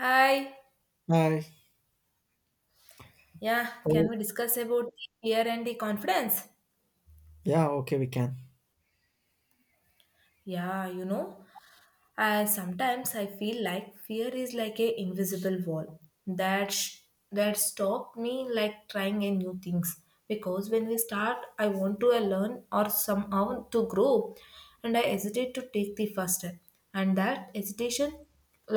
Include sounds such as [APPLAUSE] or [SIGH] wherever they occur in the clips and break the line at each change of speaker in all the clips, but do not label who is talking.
Hi.
Hi.
Yeah, can
How?
we discuss about the fear and the confidence?
Yeah, okay, we can.
Yeah, you know, I sometimes I feel like fear is like a invisible wall that sh- that stop me like trying a new things because when we start, I want to learn or somehow to grow, and I hesitate to take the first step, and that hesitation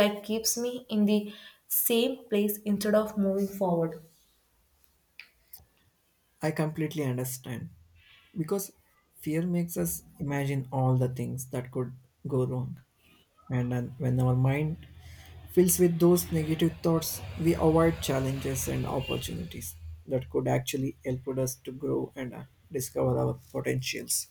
like keeps me in the same place instead of moving forward.
I completely understand. Because fear makes us imagine all the things that could go wrong. And then when our mind fills with those negative thoughts, we avoid challenges and opportunities that could actually help us to grow and discover our potentials.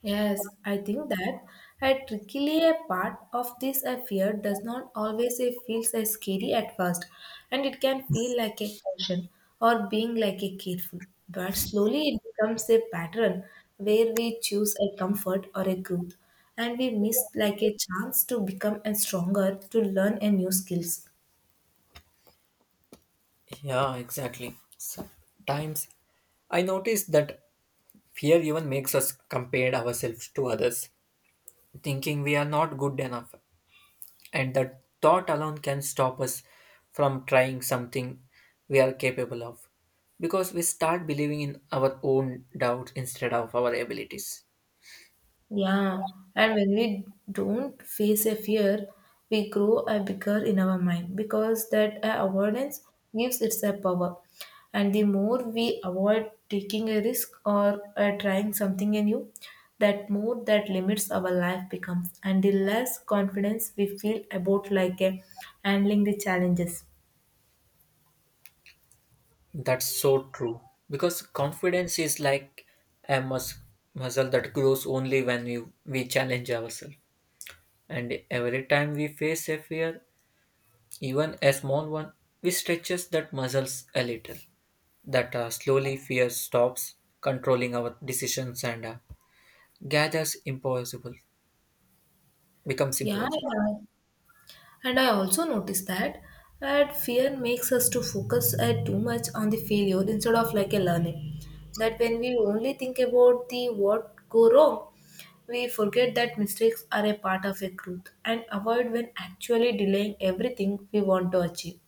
Yes, I think that a trickily a part of this a fear does not always a feels as scary at first, and it can feel like a caution or being like a careful. But slowly it becomes a pattern where we choose a comfort or a growth, and we miss like a chance to become a stronger to learn a new skills.
Yeah, exactly. Sometimes I notice that fear even makes us compare ourselves to others, thinking we are not good enough. And that thought alone can stop us from trying something we are capable of, because we start believing in our own doubts instead of our abilities.
Yeah, and when we don't face a fear, we grow a bigger in our mind because that avoidance gives its a power. And the more we avoid taking a risk or trying something new, that more that limits our life becomes, and the less confidence we feel about like handling the challenges.
That's so true, because confidence is like a muscle that grows only when we challenge ourselves. And every time we face a fear, even a small one, we stretches that muscles a little. That slowly fear stops controlling our decisions and gathers impossible becomes
Yeah,
impossible.
yeah. And I also noticed that that fear makes us to focus too much on the failure instead of like a learning. That when we only think about the what go wrong, we forget that mistakes are a part of a growth and avoid when actually delaying everything we want to achieve.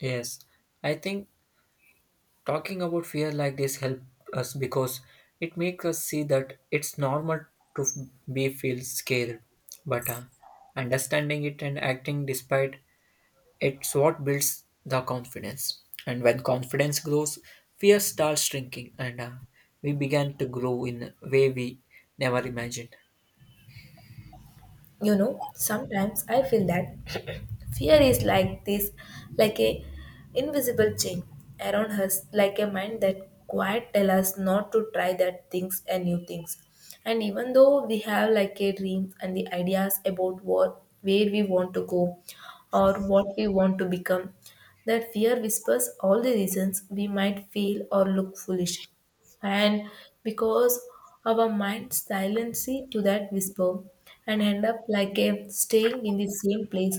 Yes, I think talking about fear like this help us, because it makes us see that it's normal to be feel scared, but understanding it and acting despite it's what builds the confidence. And when confidence grows, fear starts shrinking, and we began to grow in a way we never imagined.
You know, sometimes I feel that [CLEARS THROAT] fear is like this, like a invisible chain around us, like a mind that quite tell us not to try that things and new things. And even though we have like a dream and the ideas about what where we want to go or what we want to become, that fear whispers all the reasons we might feel or look foolish and because our minds silence to that whisper and end up like a staying in the same place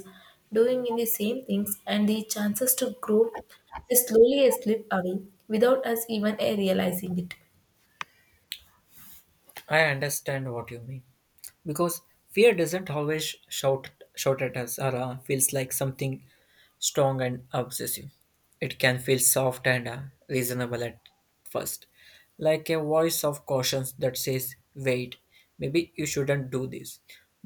doing in the same things and the chances to grow is slowly slip away without us even realizing it.
I understand what you mean. Because fear doesn't always shout at us or feels like something strong and obsessive. It can feel soft and reasonable at first, like a voice of caution that says, "Wait, maybe you shouldn't do this."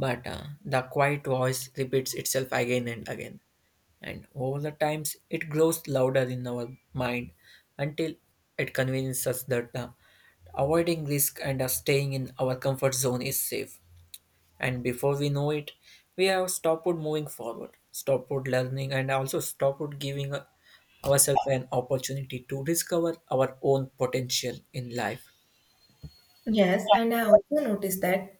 But the quiet voice repeats itself again and again, and over the times it grows louder in our mind until it convinces us that avoiding risk and staying in our comfort zone is safe. And before we know it, we have stopped moving forward, stopped learning, and also stopped giving ourselves an opportunity to discover our own potential in life.
Yes, and I also noticed that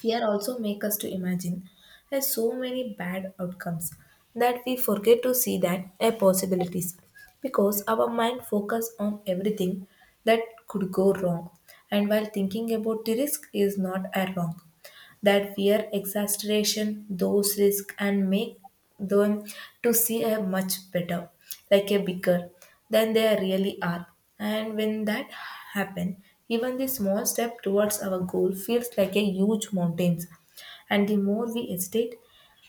fear also makes us to imagine has so many bad outcomes that we forget to see that a possibilities because our mind focus on everything that could go wrong, and while thinking about the risk is not a wrong, that fear exasperation those risks and make them to see a much better, like a bigger than they really are. And when that happen, even the small step towards our goal feels like a huge mountains. And the more we hesitate,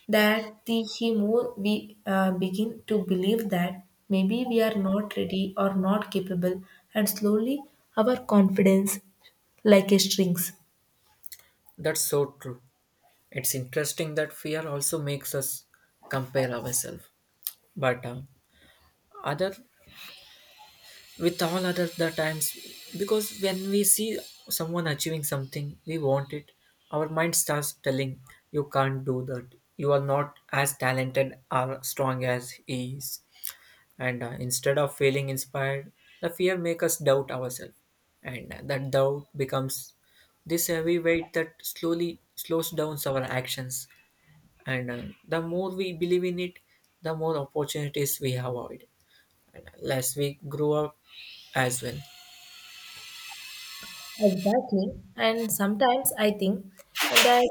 that the more we begin to believe that maybe we are not ready or not capable, and slowly our confidence like a strings.
That's so true. It's interesting that fear also makes us compare ourselves, but other with all other the times, because when we see someone achieving something we want it, our mind starts telling you can't do that, you are not as talented or strong as he is. And instead of feeling inspired, the fear makes us doubt ourselves, and that doubt becomes this heavy weight that slowly slows down our actions. And the more we believe in it, the more opportunities we have avoid, and less we grow up as well.
Exactly. And sometimes I think and that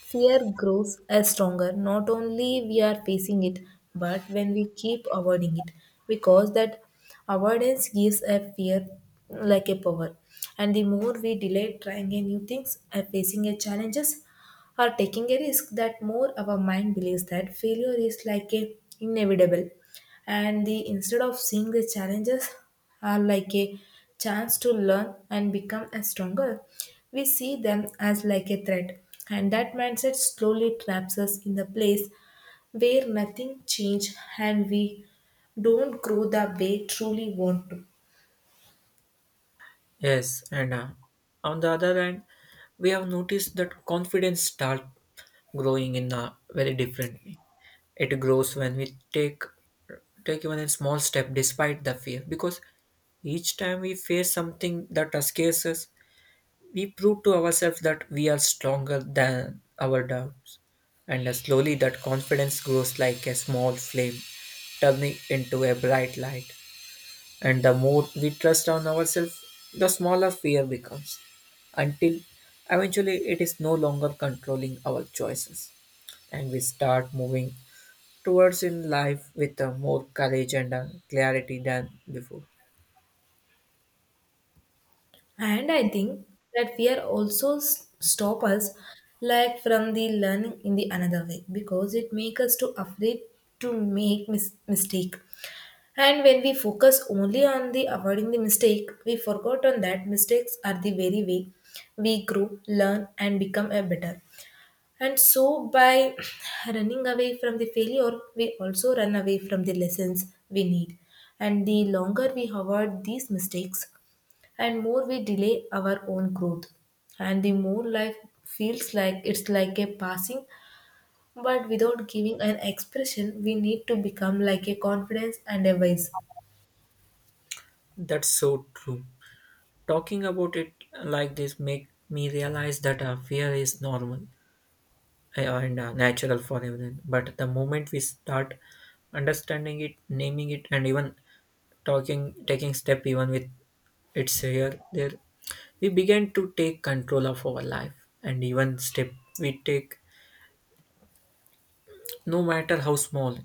fear grows as stronger. Not only we are facing it, but when we keep avoiding it. Because that avoidance gives a fear like a power. And the more we delay trying a new things and facing a challenges, or taking a risk, that more our mind believes that failure is like a inevitable, and the instead of seeing the challenges are like a chance to learn and become a stronger, we see them as like a threat. And that mindset slowly traps us in the place where nothing change and we don't grow the way truly want to.
Yes, and on the other hand, we have noticed that confidence start growing in a very different way. It grows when we take even a small step despite the fear, because each time we face something that scares us, we prove to ourselves that we are stronger than our doubts. And slowly, that confidence grows like a small flame, turning into a bright light. And the more we trust on ourselves, the smaller fear becomes, until eventually it is no longer controlling our choices. And we start moving towards in life with a more courage and a clarity than before.
And I think that fear also stop us like from the learning in the another way because it make us to afraid to make mistake. And when we focus only on the avoiding the mistake, we forgot on that mistakes are the very way we grow, learn and become a better. And so by [CLEARS THROAT] running away from the failure, we also run away from the lessons we need. And the longer we avoid these mistakes, and more we delay our own growth, and the more life feels like it's like a passing but without giving an expression we need to become like a confidence and a wise.
That's so true. Talking about it like this make me realize that fear is normal and natural for everyone. But the moment we start understanding it, naming it, and even talking, taking step even with it's here, there. We began to take control of our life, and even step we take, no matter how small,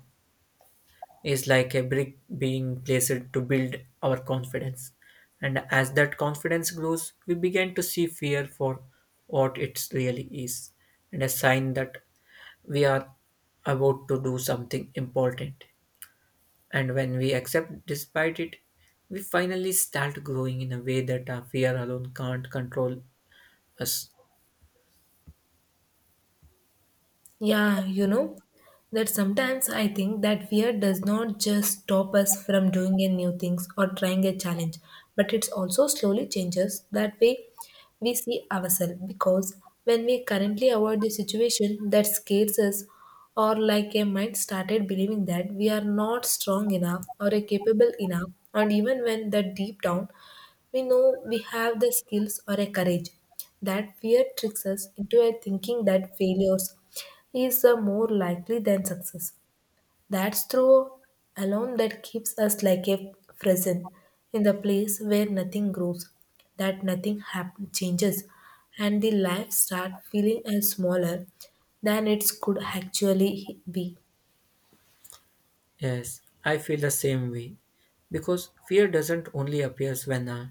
is like a brick being placed to build our confidence. And as that confidence grows, we begin to see fear for what it really is, and a sign that we are about to do something important. And when we accept despite it, we finally start growing in a way that our fear alone can't control us.
Yeah, you know, that sometimes I think that fear does not just stop us from doing a new things or trying a challenge, but it's also slowly changes that way we see ourselves because when we currently avoid the situation that scares us or like a mind started believing that we are not strong enough or a capable enough, and even when that deep down we know we have the skills or a courage, that fear tricks us into a thinking that failures is more likely than success. That's through alone that keeps us like a frozen in the place where nothing grows, that nothing happen changes, and the life start feeling as smaller than it could actually be.
Yes, I feel the same way. Because fear doesn't only appears when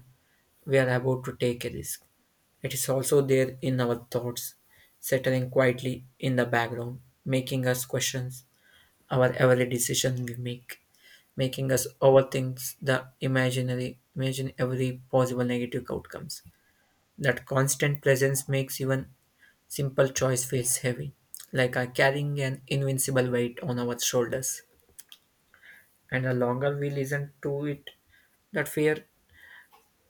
we are about to take a risk. It is also there in our thoughts, settling quietly in the background, making us question our every decision we make, making us overthink the imaginary, imagine every possible negative outcomes. That constant presence makes even simple choice feels heavy, like carrying an invincible weight on our shoulders. And the longer we listen to it, that fear,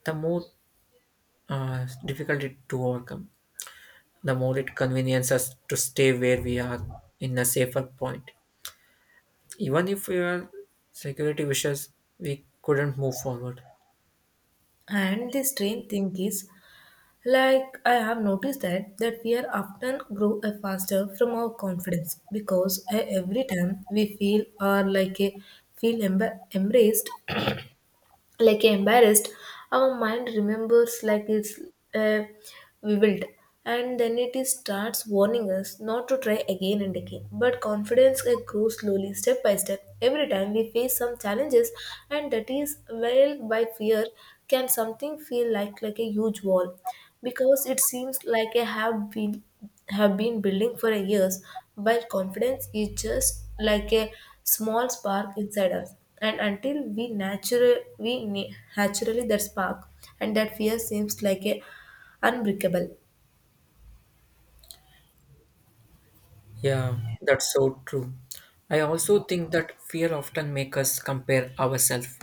the more difficult it to overcome, the more it conveniences us to stay where we are in a safer point. Even if we are security wishes, we couldn't move forward.
And the strange thing is, like I have noticed that that fear often grow a faster from our confidence because every time we feel or embraced like embarrassed, our mind remembers like it's uh, vivid, and then it is starts warning us not to try again and again. But confidence grows slowly step by step every time we face some challenges. And that is well by fear can something feel like a huge wall because it seems like I have been building for years, while confidence is just like a small spark inside us. And until we we na- naturally that spark, and that fear seems like a unbreakable.
Yeah, that's so true. I also think that fear often makes us compare ourselves,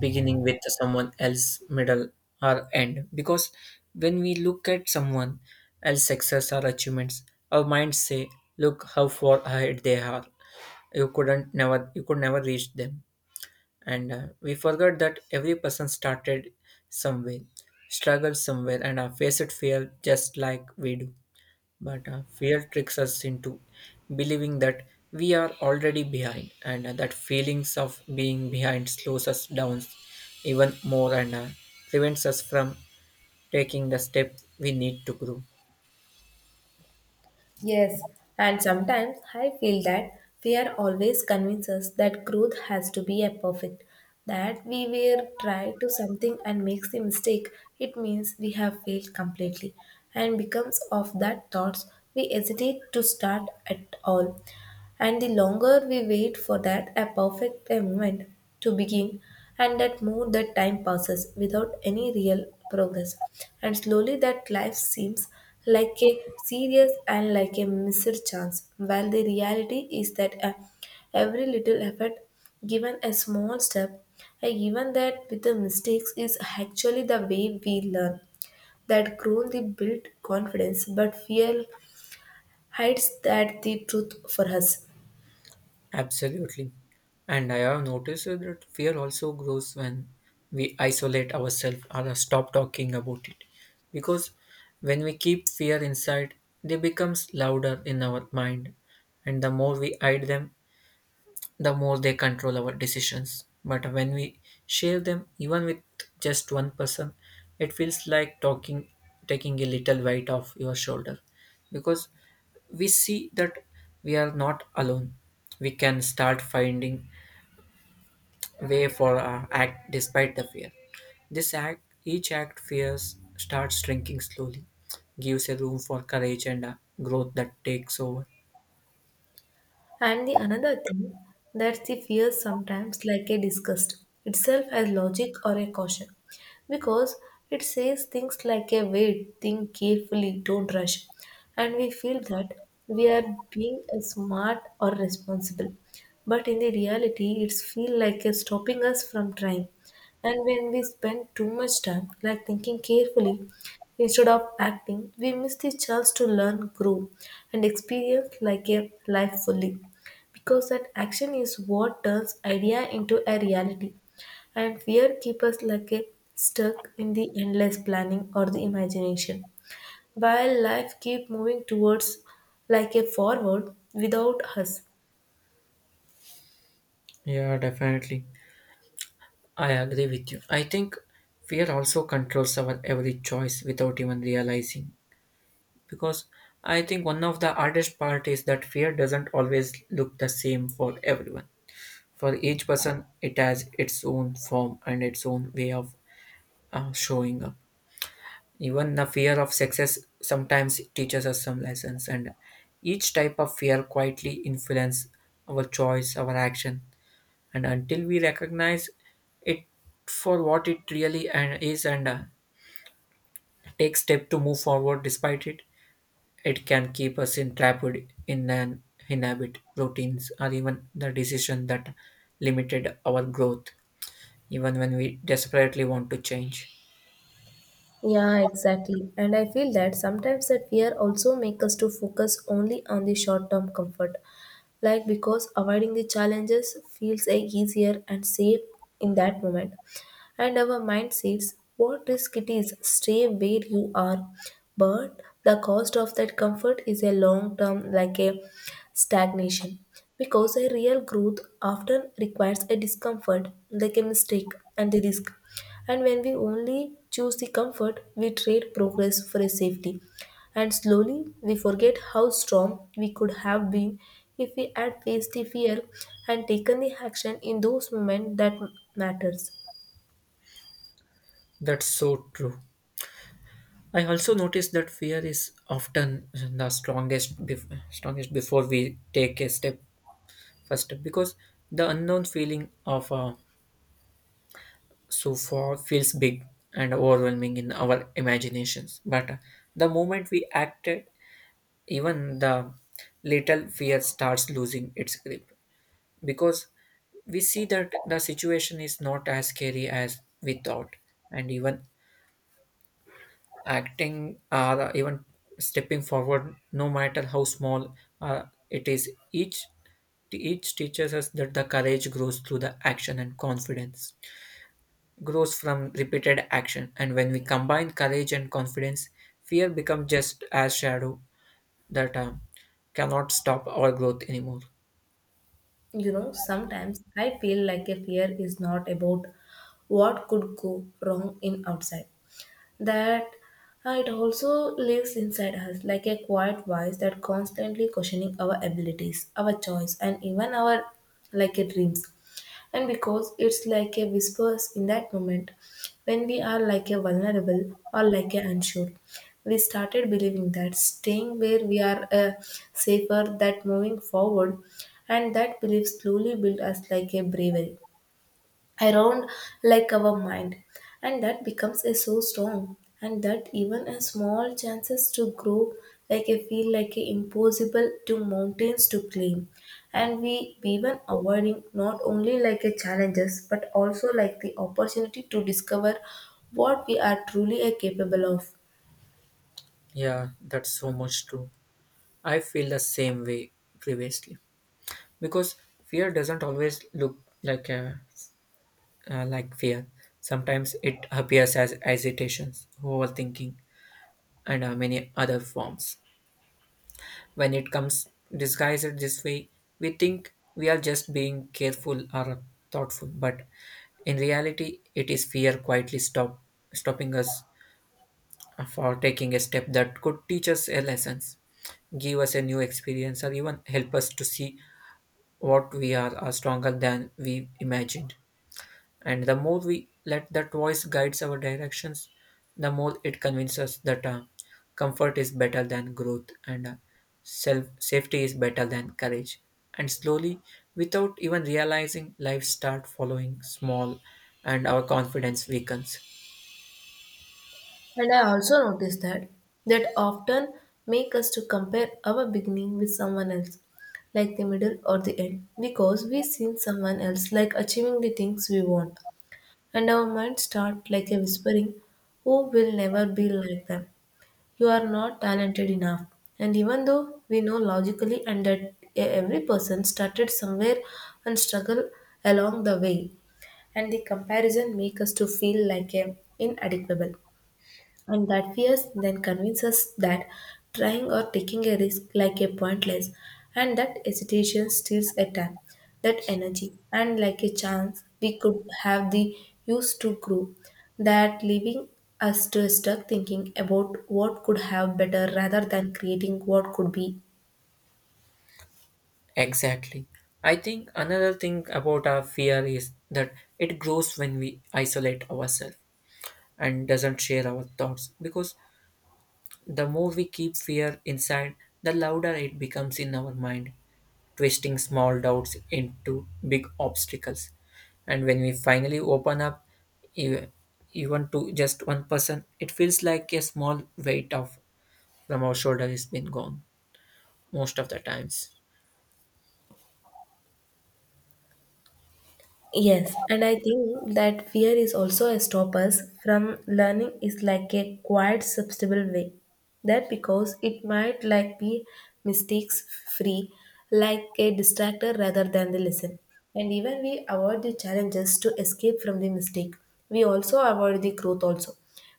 beginning with someone else, middle or end. Because when we look at someone else's success or achievements, our minds say, "Look how far ahead they are, you couldn't never you could never reach them." And we forgot that every person started somewhere, struggled somewhere, and faced fear just like we do. But fear tricks us into believing that we are already behind, and that feelings of being behind slows us down even more, and prevents us from taking the steps we need to grow.
Yes, and sometimes I feel that fear always convinces us that growth has to be a perfect, that we will try to something and makes a mistake, it means we have failed completely. And becomes of that thoughts, we hesitate to start at all. And the longer we wait for that a perfect moment to begin, and that more that time passes without any real progress, and slowly that life seems like a serious and like a missed chance. While the reality is that every little effort given a small step, and even that with the mistakes, is actually the way we learn, that grown the built confidence. But fear hides that the truth for us.
Absolutely. And I have noticed that fear also grows when we isolate ourselves or stop talking about it. Because when we keep fear inside, they becomes louder in our mind. And the more we hide them, the more they control our decisions. But when we share them, even with just one person, it feels like talking, taking a little weight off your shoulder, because we see that we are not alone. We can start finding way for our act despite the fear. This act, each act, fears starts shrinking slowly, gives a room for courage and growth that takes over.
And the another thing, that the fear sometimes like a disgust itself as logic or a caution, because it says things like a wait, think carefully, don't rush. And we feel that we are being a smart or responsible. But in the reality it's feel like a stopping us from trying. And when we spend too much time like thinking carefully, instead of acting, we miss the chance to learn, grow, and experience like a life fully. Because that action is what turns idea into a reality. And fear keeps us like a stuck in the endless planning or the imagination, while life keep moving towards like a forward without us.
Yeah, definitely. I agree with you. I think fear also controls our every choice without even realizing. Because I think one of the hardest part is that fear doesn't always look the same for everyone. For each person, it has its own form and its own way of showing up. Even the fear of success sometimes teaches us some lessons, and each type of fear quietly influence our choice, our action, and until we recognize it for what it really and is, and take step to move forward despite it can keep us entrapped in an inhabit routines or even the decision that limited our growth, even when we desperately want to change.
Yeah, exactly. And I feel that sometimes that fear also make us to focus only on the short-term comfort. Like because avoiding the challenges feels like easier and safe in that moment. And our mind says, what risk it is, stay where you are. But the cost of that comfort is a long-term like a stagnation. Because a real growth often requires a discomfort, like a mistake and the risk. And when we only choose the comfort, we trade progress for a safety. And slowly we forget how strong we could have been if we had faced the fear and taken the action in those moments that matters.
That's so true. I also noticed that fear is often the strongest strongest before we take a step first step, because the unknown feeling of so far feels big and overwhelming in our imaginations. But the moment we acted, even the little fear starts losing its grip, because we see that the situation is not as scary as we thought, and even acting or even stepping forward, no matter how small uh, it is, each teaches us that the courage grows through the action and confidence grows from repeated action. And when we combine courage and confidence, fear becomes just as shadow that cannot stop our growth anymore.
You know, sometimes I feel like a fear is not about what could go wrong in outside, that it also lives inside us like a quiet voice that constantly questioning our abilities, our choice, and even our like a dreams. And because it's like a whispers in that moment when we are like a vulnerable or like a unsure, we started believing that staying where we are safer that moving forward. And that belief slowly built us like a bravery around like our mind, and that becomes a so strong, and that even a small chances to grow like a feel like a impossible to mountains to climb. And we even avoiding not only like a challenges but also like the opportunity to discover what we are truly a capable of.
Yeah, that's so much true. I feel the same way previously, because fear doesn't always look like fear. Sometimes it appears as hesitations, overthinking, and many other forms. When it comes disguised this way, we think we are just being careful or thoughtful, but in reality, it is fear quietly stopping us for taking a step that could teach us a lessons, give us a new experience, or even help us to see what we are stronger than we imagined. And the more we let that voice guides our directions, the more it convinces us that comfort is better than growth, and self safety is better than courage. And slowly, without even realizing, life start following small, and our confidence weakens.
And I also noticed that that often make us to compare our beginning with someone else, like the middle or the end, because we seen someone else like achieving the things we want, and our mind start like a whispering, "Oh, will never be like them. You are not talented enough." And even though we know logically and that every person started somewhere and struggle along the way, and the comparison make us to feel like a inadequate and that fears then convinces that trying or taking a risk like a pointless, and that hesitation steals a time, that energy, and like a chance we could have the use to grow, that leaving us to stuck thinking about what could have better rather than creating what could be.
Exactly. I think another thing about our fear is that it grows when we isolate ourselves and doesn't share our thoughts, because the more we keep fear inside, the louder it becomes in our mind, twisting small doubts into big obstacles. And when we finally open up, e- even to just one person, it feels like a small weight of from our shoulder has been gone most of the times.
Yes, and I think that fear is also a stoppers from learning is like a quiet substantial way. That because it might like be mistakes free, like a distractor rather than the lesson. And even we avoid the challenges to escape from the mistake. We also avoid the growth also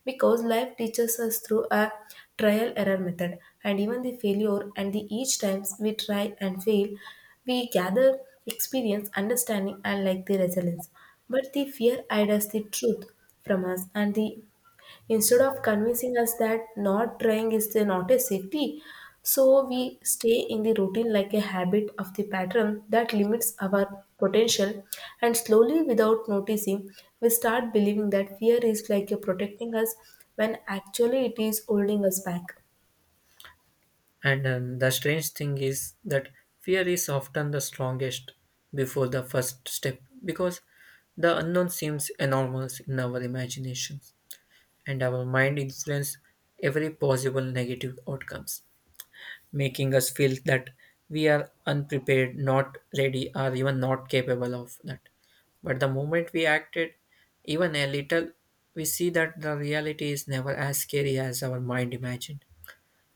because life teaches us through a trial error method and even the failure and the each times we try and fail we gather experience understanding and like the resilience, but the fear hides the truth from us. And the instead of convincing us that not trying is the not a safety, so we stay in the routine like a habit of the pattern that limits our potential and slowly without noticing we start believing that fear is like a protecting us when actually it is holding us back.
And the strange thing is that fear is often the strongest before the first step, because the unknown seems enormous in our imaginations. And our mind influence every possible negative outcomes, making us feel that we are unprepared, not ready, or even not capable of that. But the moment we acted even a little, we see that the reality is never as scary as our mind imagined.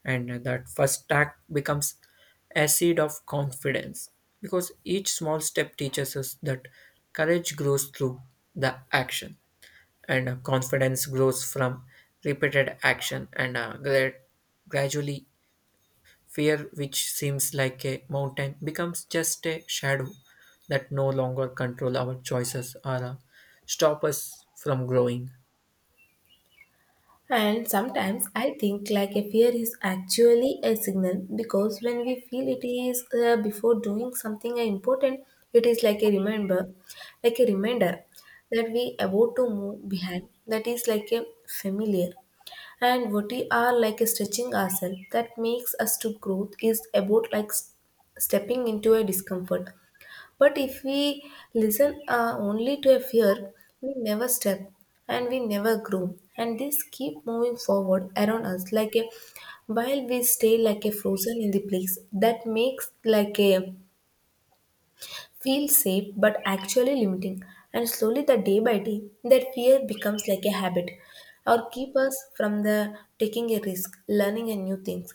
And that first act becomes a seed of confidence, because each small step teaches us that courage grows through the action, and confidence grows from repeated action, and gradually fear, which seems like a mountain, becomes just a shadow that no longer control our choices or stop us from growing.
And sometimes I think like a fear is actually a signal, because when we feel it is before doing something important, it is like a remember, like a reminder that we about to move behind. That is like a familiar. And what we are like a stretching ourselves that makes us to growth is about like stepping into a discomfort. But if we listen only to a fear, we never step and we never grow. And this keep moving forward around us like a while we stay like a frozen in the place that makes like a feel safe but actually limiting. And slowly the day by day that fear becomes like a habit or keep us from the taking a risk, learning a new things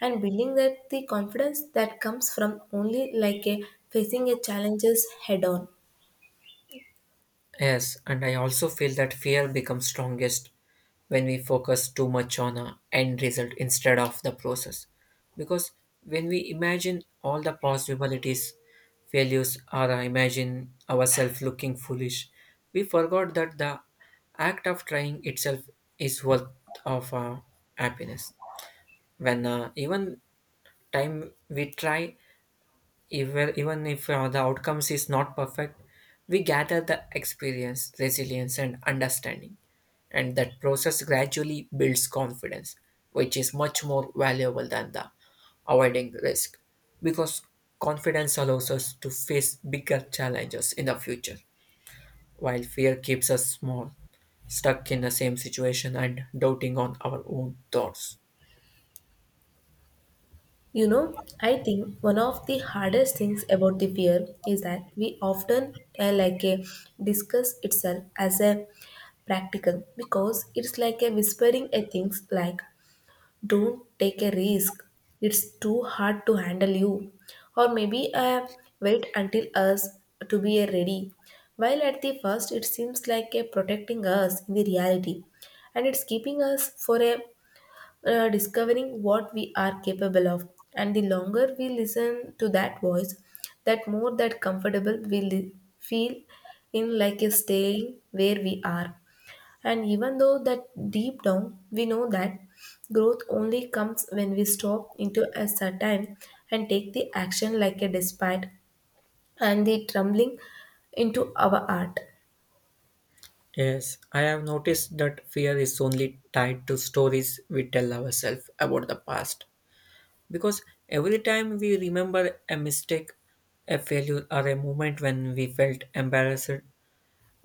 and building that the confidence that comes from only like a facing a challenges head on.
Yes, and I also feel that fear becomes strongest when we focus too much on a end result instead of the process. Because when we imagine all the possibilities, failures, or imagine ourselves looking foolish, we forgot that the act of trying itself is worth of happiness. When even time we try even if the outcomes is not perfect, we gather the experience, resilience, and understanding. And that process gradually builds confidence, which is much more valuable than the avoiding risk. Because confidence allows us to face bigger challenges in the future, while fear keeps us small, stuck in the same situation, and doubting on our own thoughts.
You know, I think one of the hardest things about the fear is that we often like a discuss itself as a practical, because it's like a whispering a things like don't take a risk, it's too hard to handle you, or maybe wait until us to be a ready, while at the first it seems like a protecting us in the reality and it's keeping us for a discovering what we are capable of. And the longer we listen to that voice, that more that comfortable we feel in like a staying where we are. And even though that deep down we know that growth only comes when we stop into a certain and take the action like a despite and the trembling into our art.
Yes, I have noticed that fear is only tied to stories we tell ourselves about the past. Because every time we remember a mistake, a failure, or a moment when we felt embarrassed,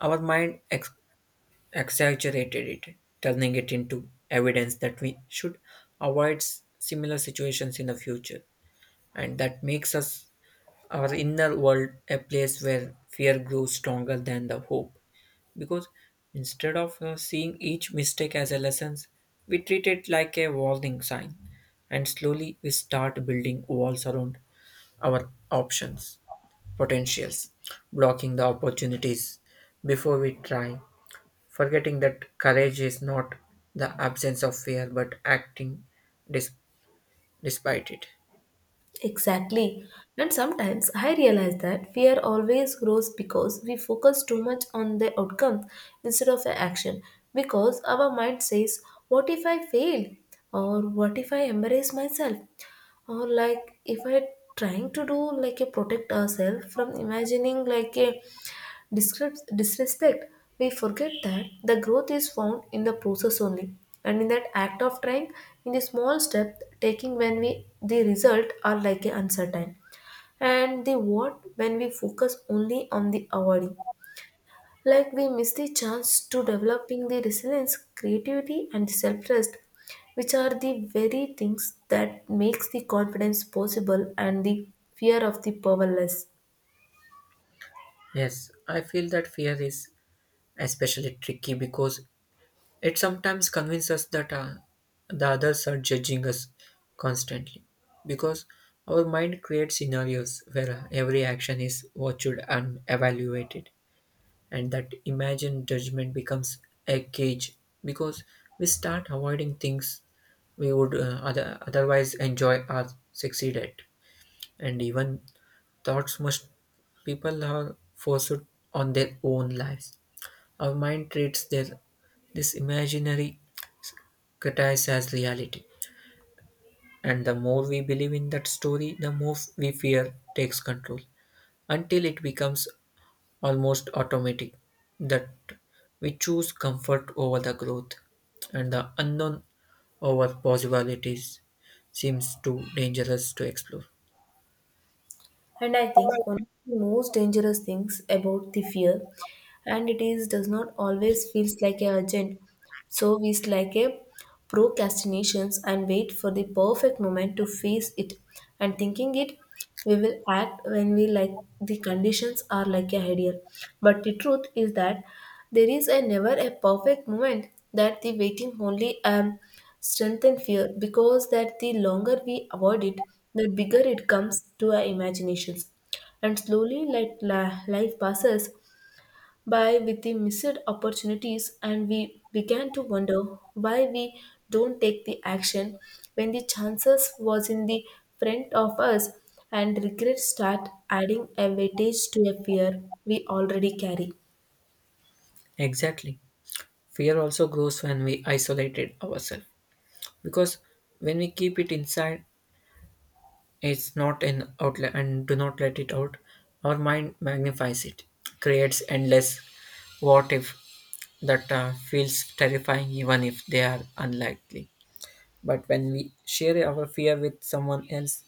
our mind exaggerated it, turning it into evidence that we should avoid similar situations in the future. And that makes us our inner world a place where fear grows stronger than the hope, because instead of seeing each mistake as a lesson, we treat it like a warning sign, and slowly we start building walls around our options, potentials, blocking the opportunities before we try, forgetting that courage is not the absence of fear but acting dis- despite it.
Exactly. And sometimes I realize that fear always grows because we focus too much on the outcome instead of the action. Because our mind says, what if I fail? Or what if I embarrass myself? Or like if I trying to do like a protect ourselves from imagining like a disrespect, we forget that the growth is found in the process only and in that act of trying, in the small step taking when we the result are like a uncertain. And the what when we focus only on the avoiding, like we miss the chance to developing the resilience creativity and self-trust, which are the very things that makes the confidence possible and the fear of the powerless.
Yes, I feel that fear is especially tricky, because it sometimes convinces us that the others are judging us constantly, because our mind creates scenarios where every action is watched and evaluated, and that imagined judgment becomes a cage, because we start avoiding things we would otherwise enjoy or succeed at. And even thoughts most people are forced on their own lives. Our mind treats their this imaginary categorized as reality. And the more we believe in that story, the more we fear takes control until it becomes almost automatic that we choose comfort over the growth, and the unknown over possibilities seems too dangerous to explore.
And I think one of the most dangerous things about the fear, and it is does not always feels like a urgent. So we is like a procrastinations and wait for the perfect moment to face it and thinking it we will act when we like the conditions are like a ideal. But the truth is that there is a never a perfect moment, that the waiting only strength and fear, because that the longer we avoid it the bigger it comes to our imaginations. And slowly like life passes by with the missed opportunities and we began to wonder why we don't take the action when the chances was in the front of us, and regrets start adding a weightage to a fear we already carry.
Exactly. Fear also grows when we isolate it ourselves, because when we keep it inside, it's not an outlet and do not let it out. Our mind magnifies it, creates endless what if that feels terrifying even if they are unlikely. But when we share our fear with someone else,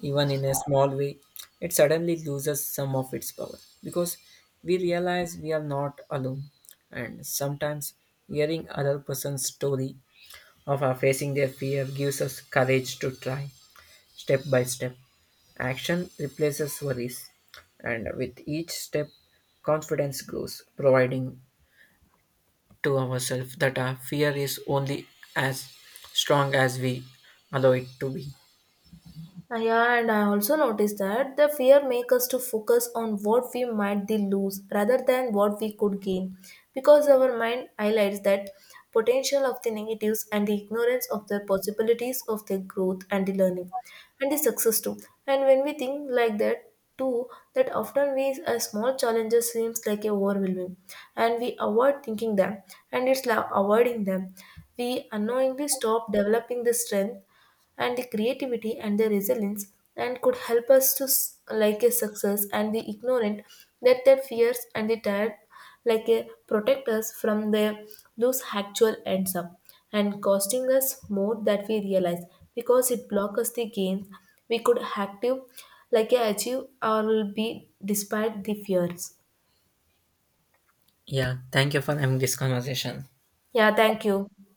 even in a small way, it suddenly loses some of its power, because we realize we are not alone. And sometimes hearing other person's story of facing their fear gives us courage to try step by step. Action replaces worries, and with each step, confidence grows, providing to ourselves that our fear is only as strong as we allow it to be.
Yeah, and I also noticed that the fear makes us to focus on what we might be lose rather than what we could gain, because our mind highlights that potential of the negatives and the ignorance of the possibilities of the growth and the learning and the success too. And when we think like that too, that often we a small challenges seems like a overwhelming, and we avoid thinking them, and it's like avoiding them. We unknowingly stop developing the strength and the creativity and the resilience and could help us to like a success and the ignorant that their fears and the tired like a protect us from the those actual ends up and costing us more that we realize, because it block us the gains we could active like a achieve or be despite the fears.
Yeah, thank you for having this conversation.
Yeah, thank you.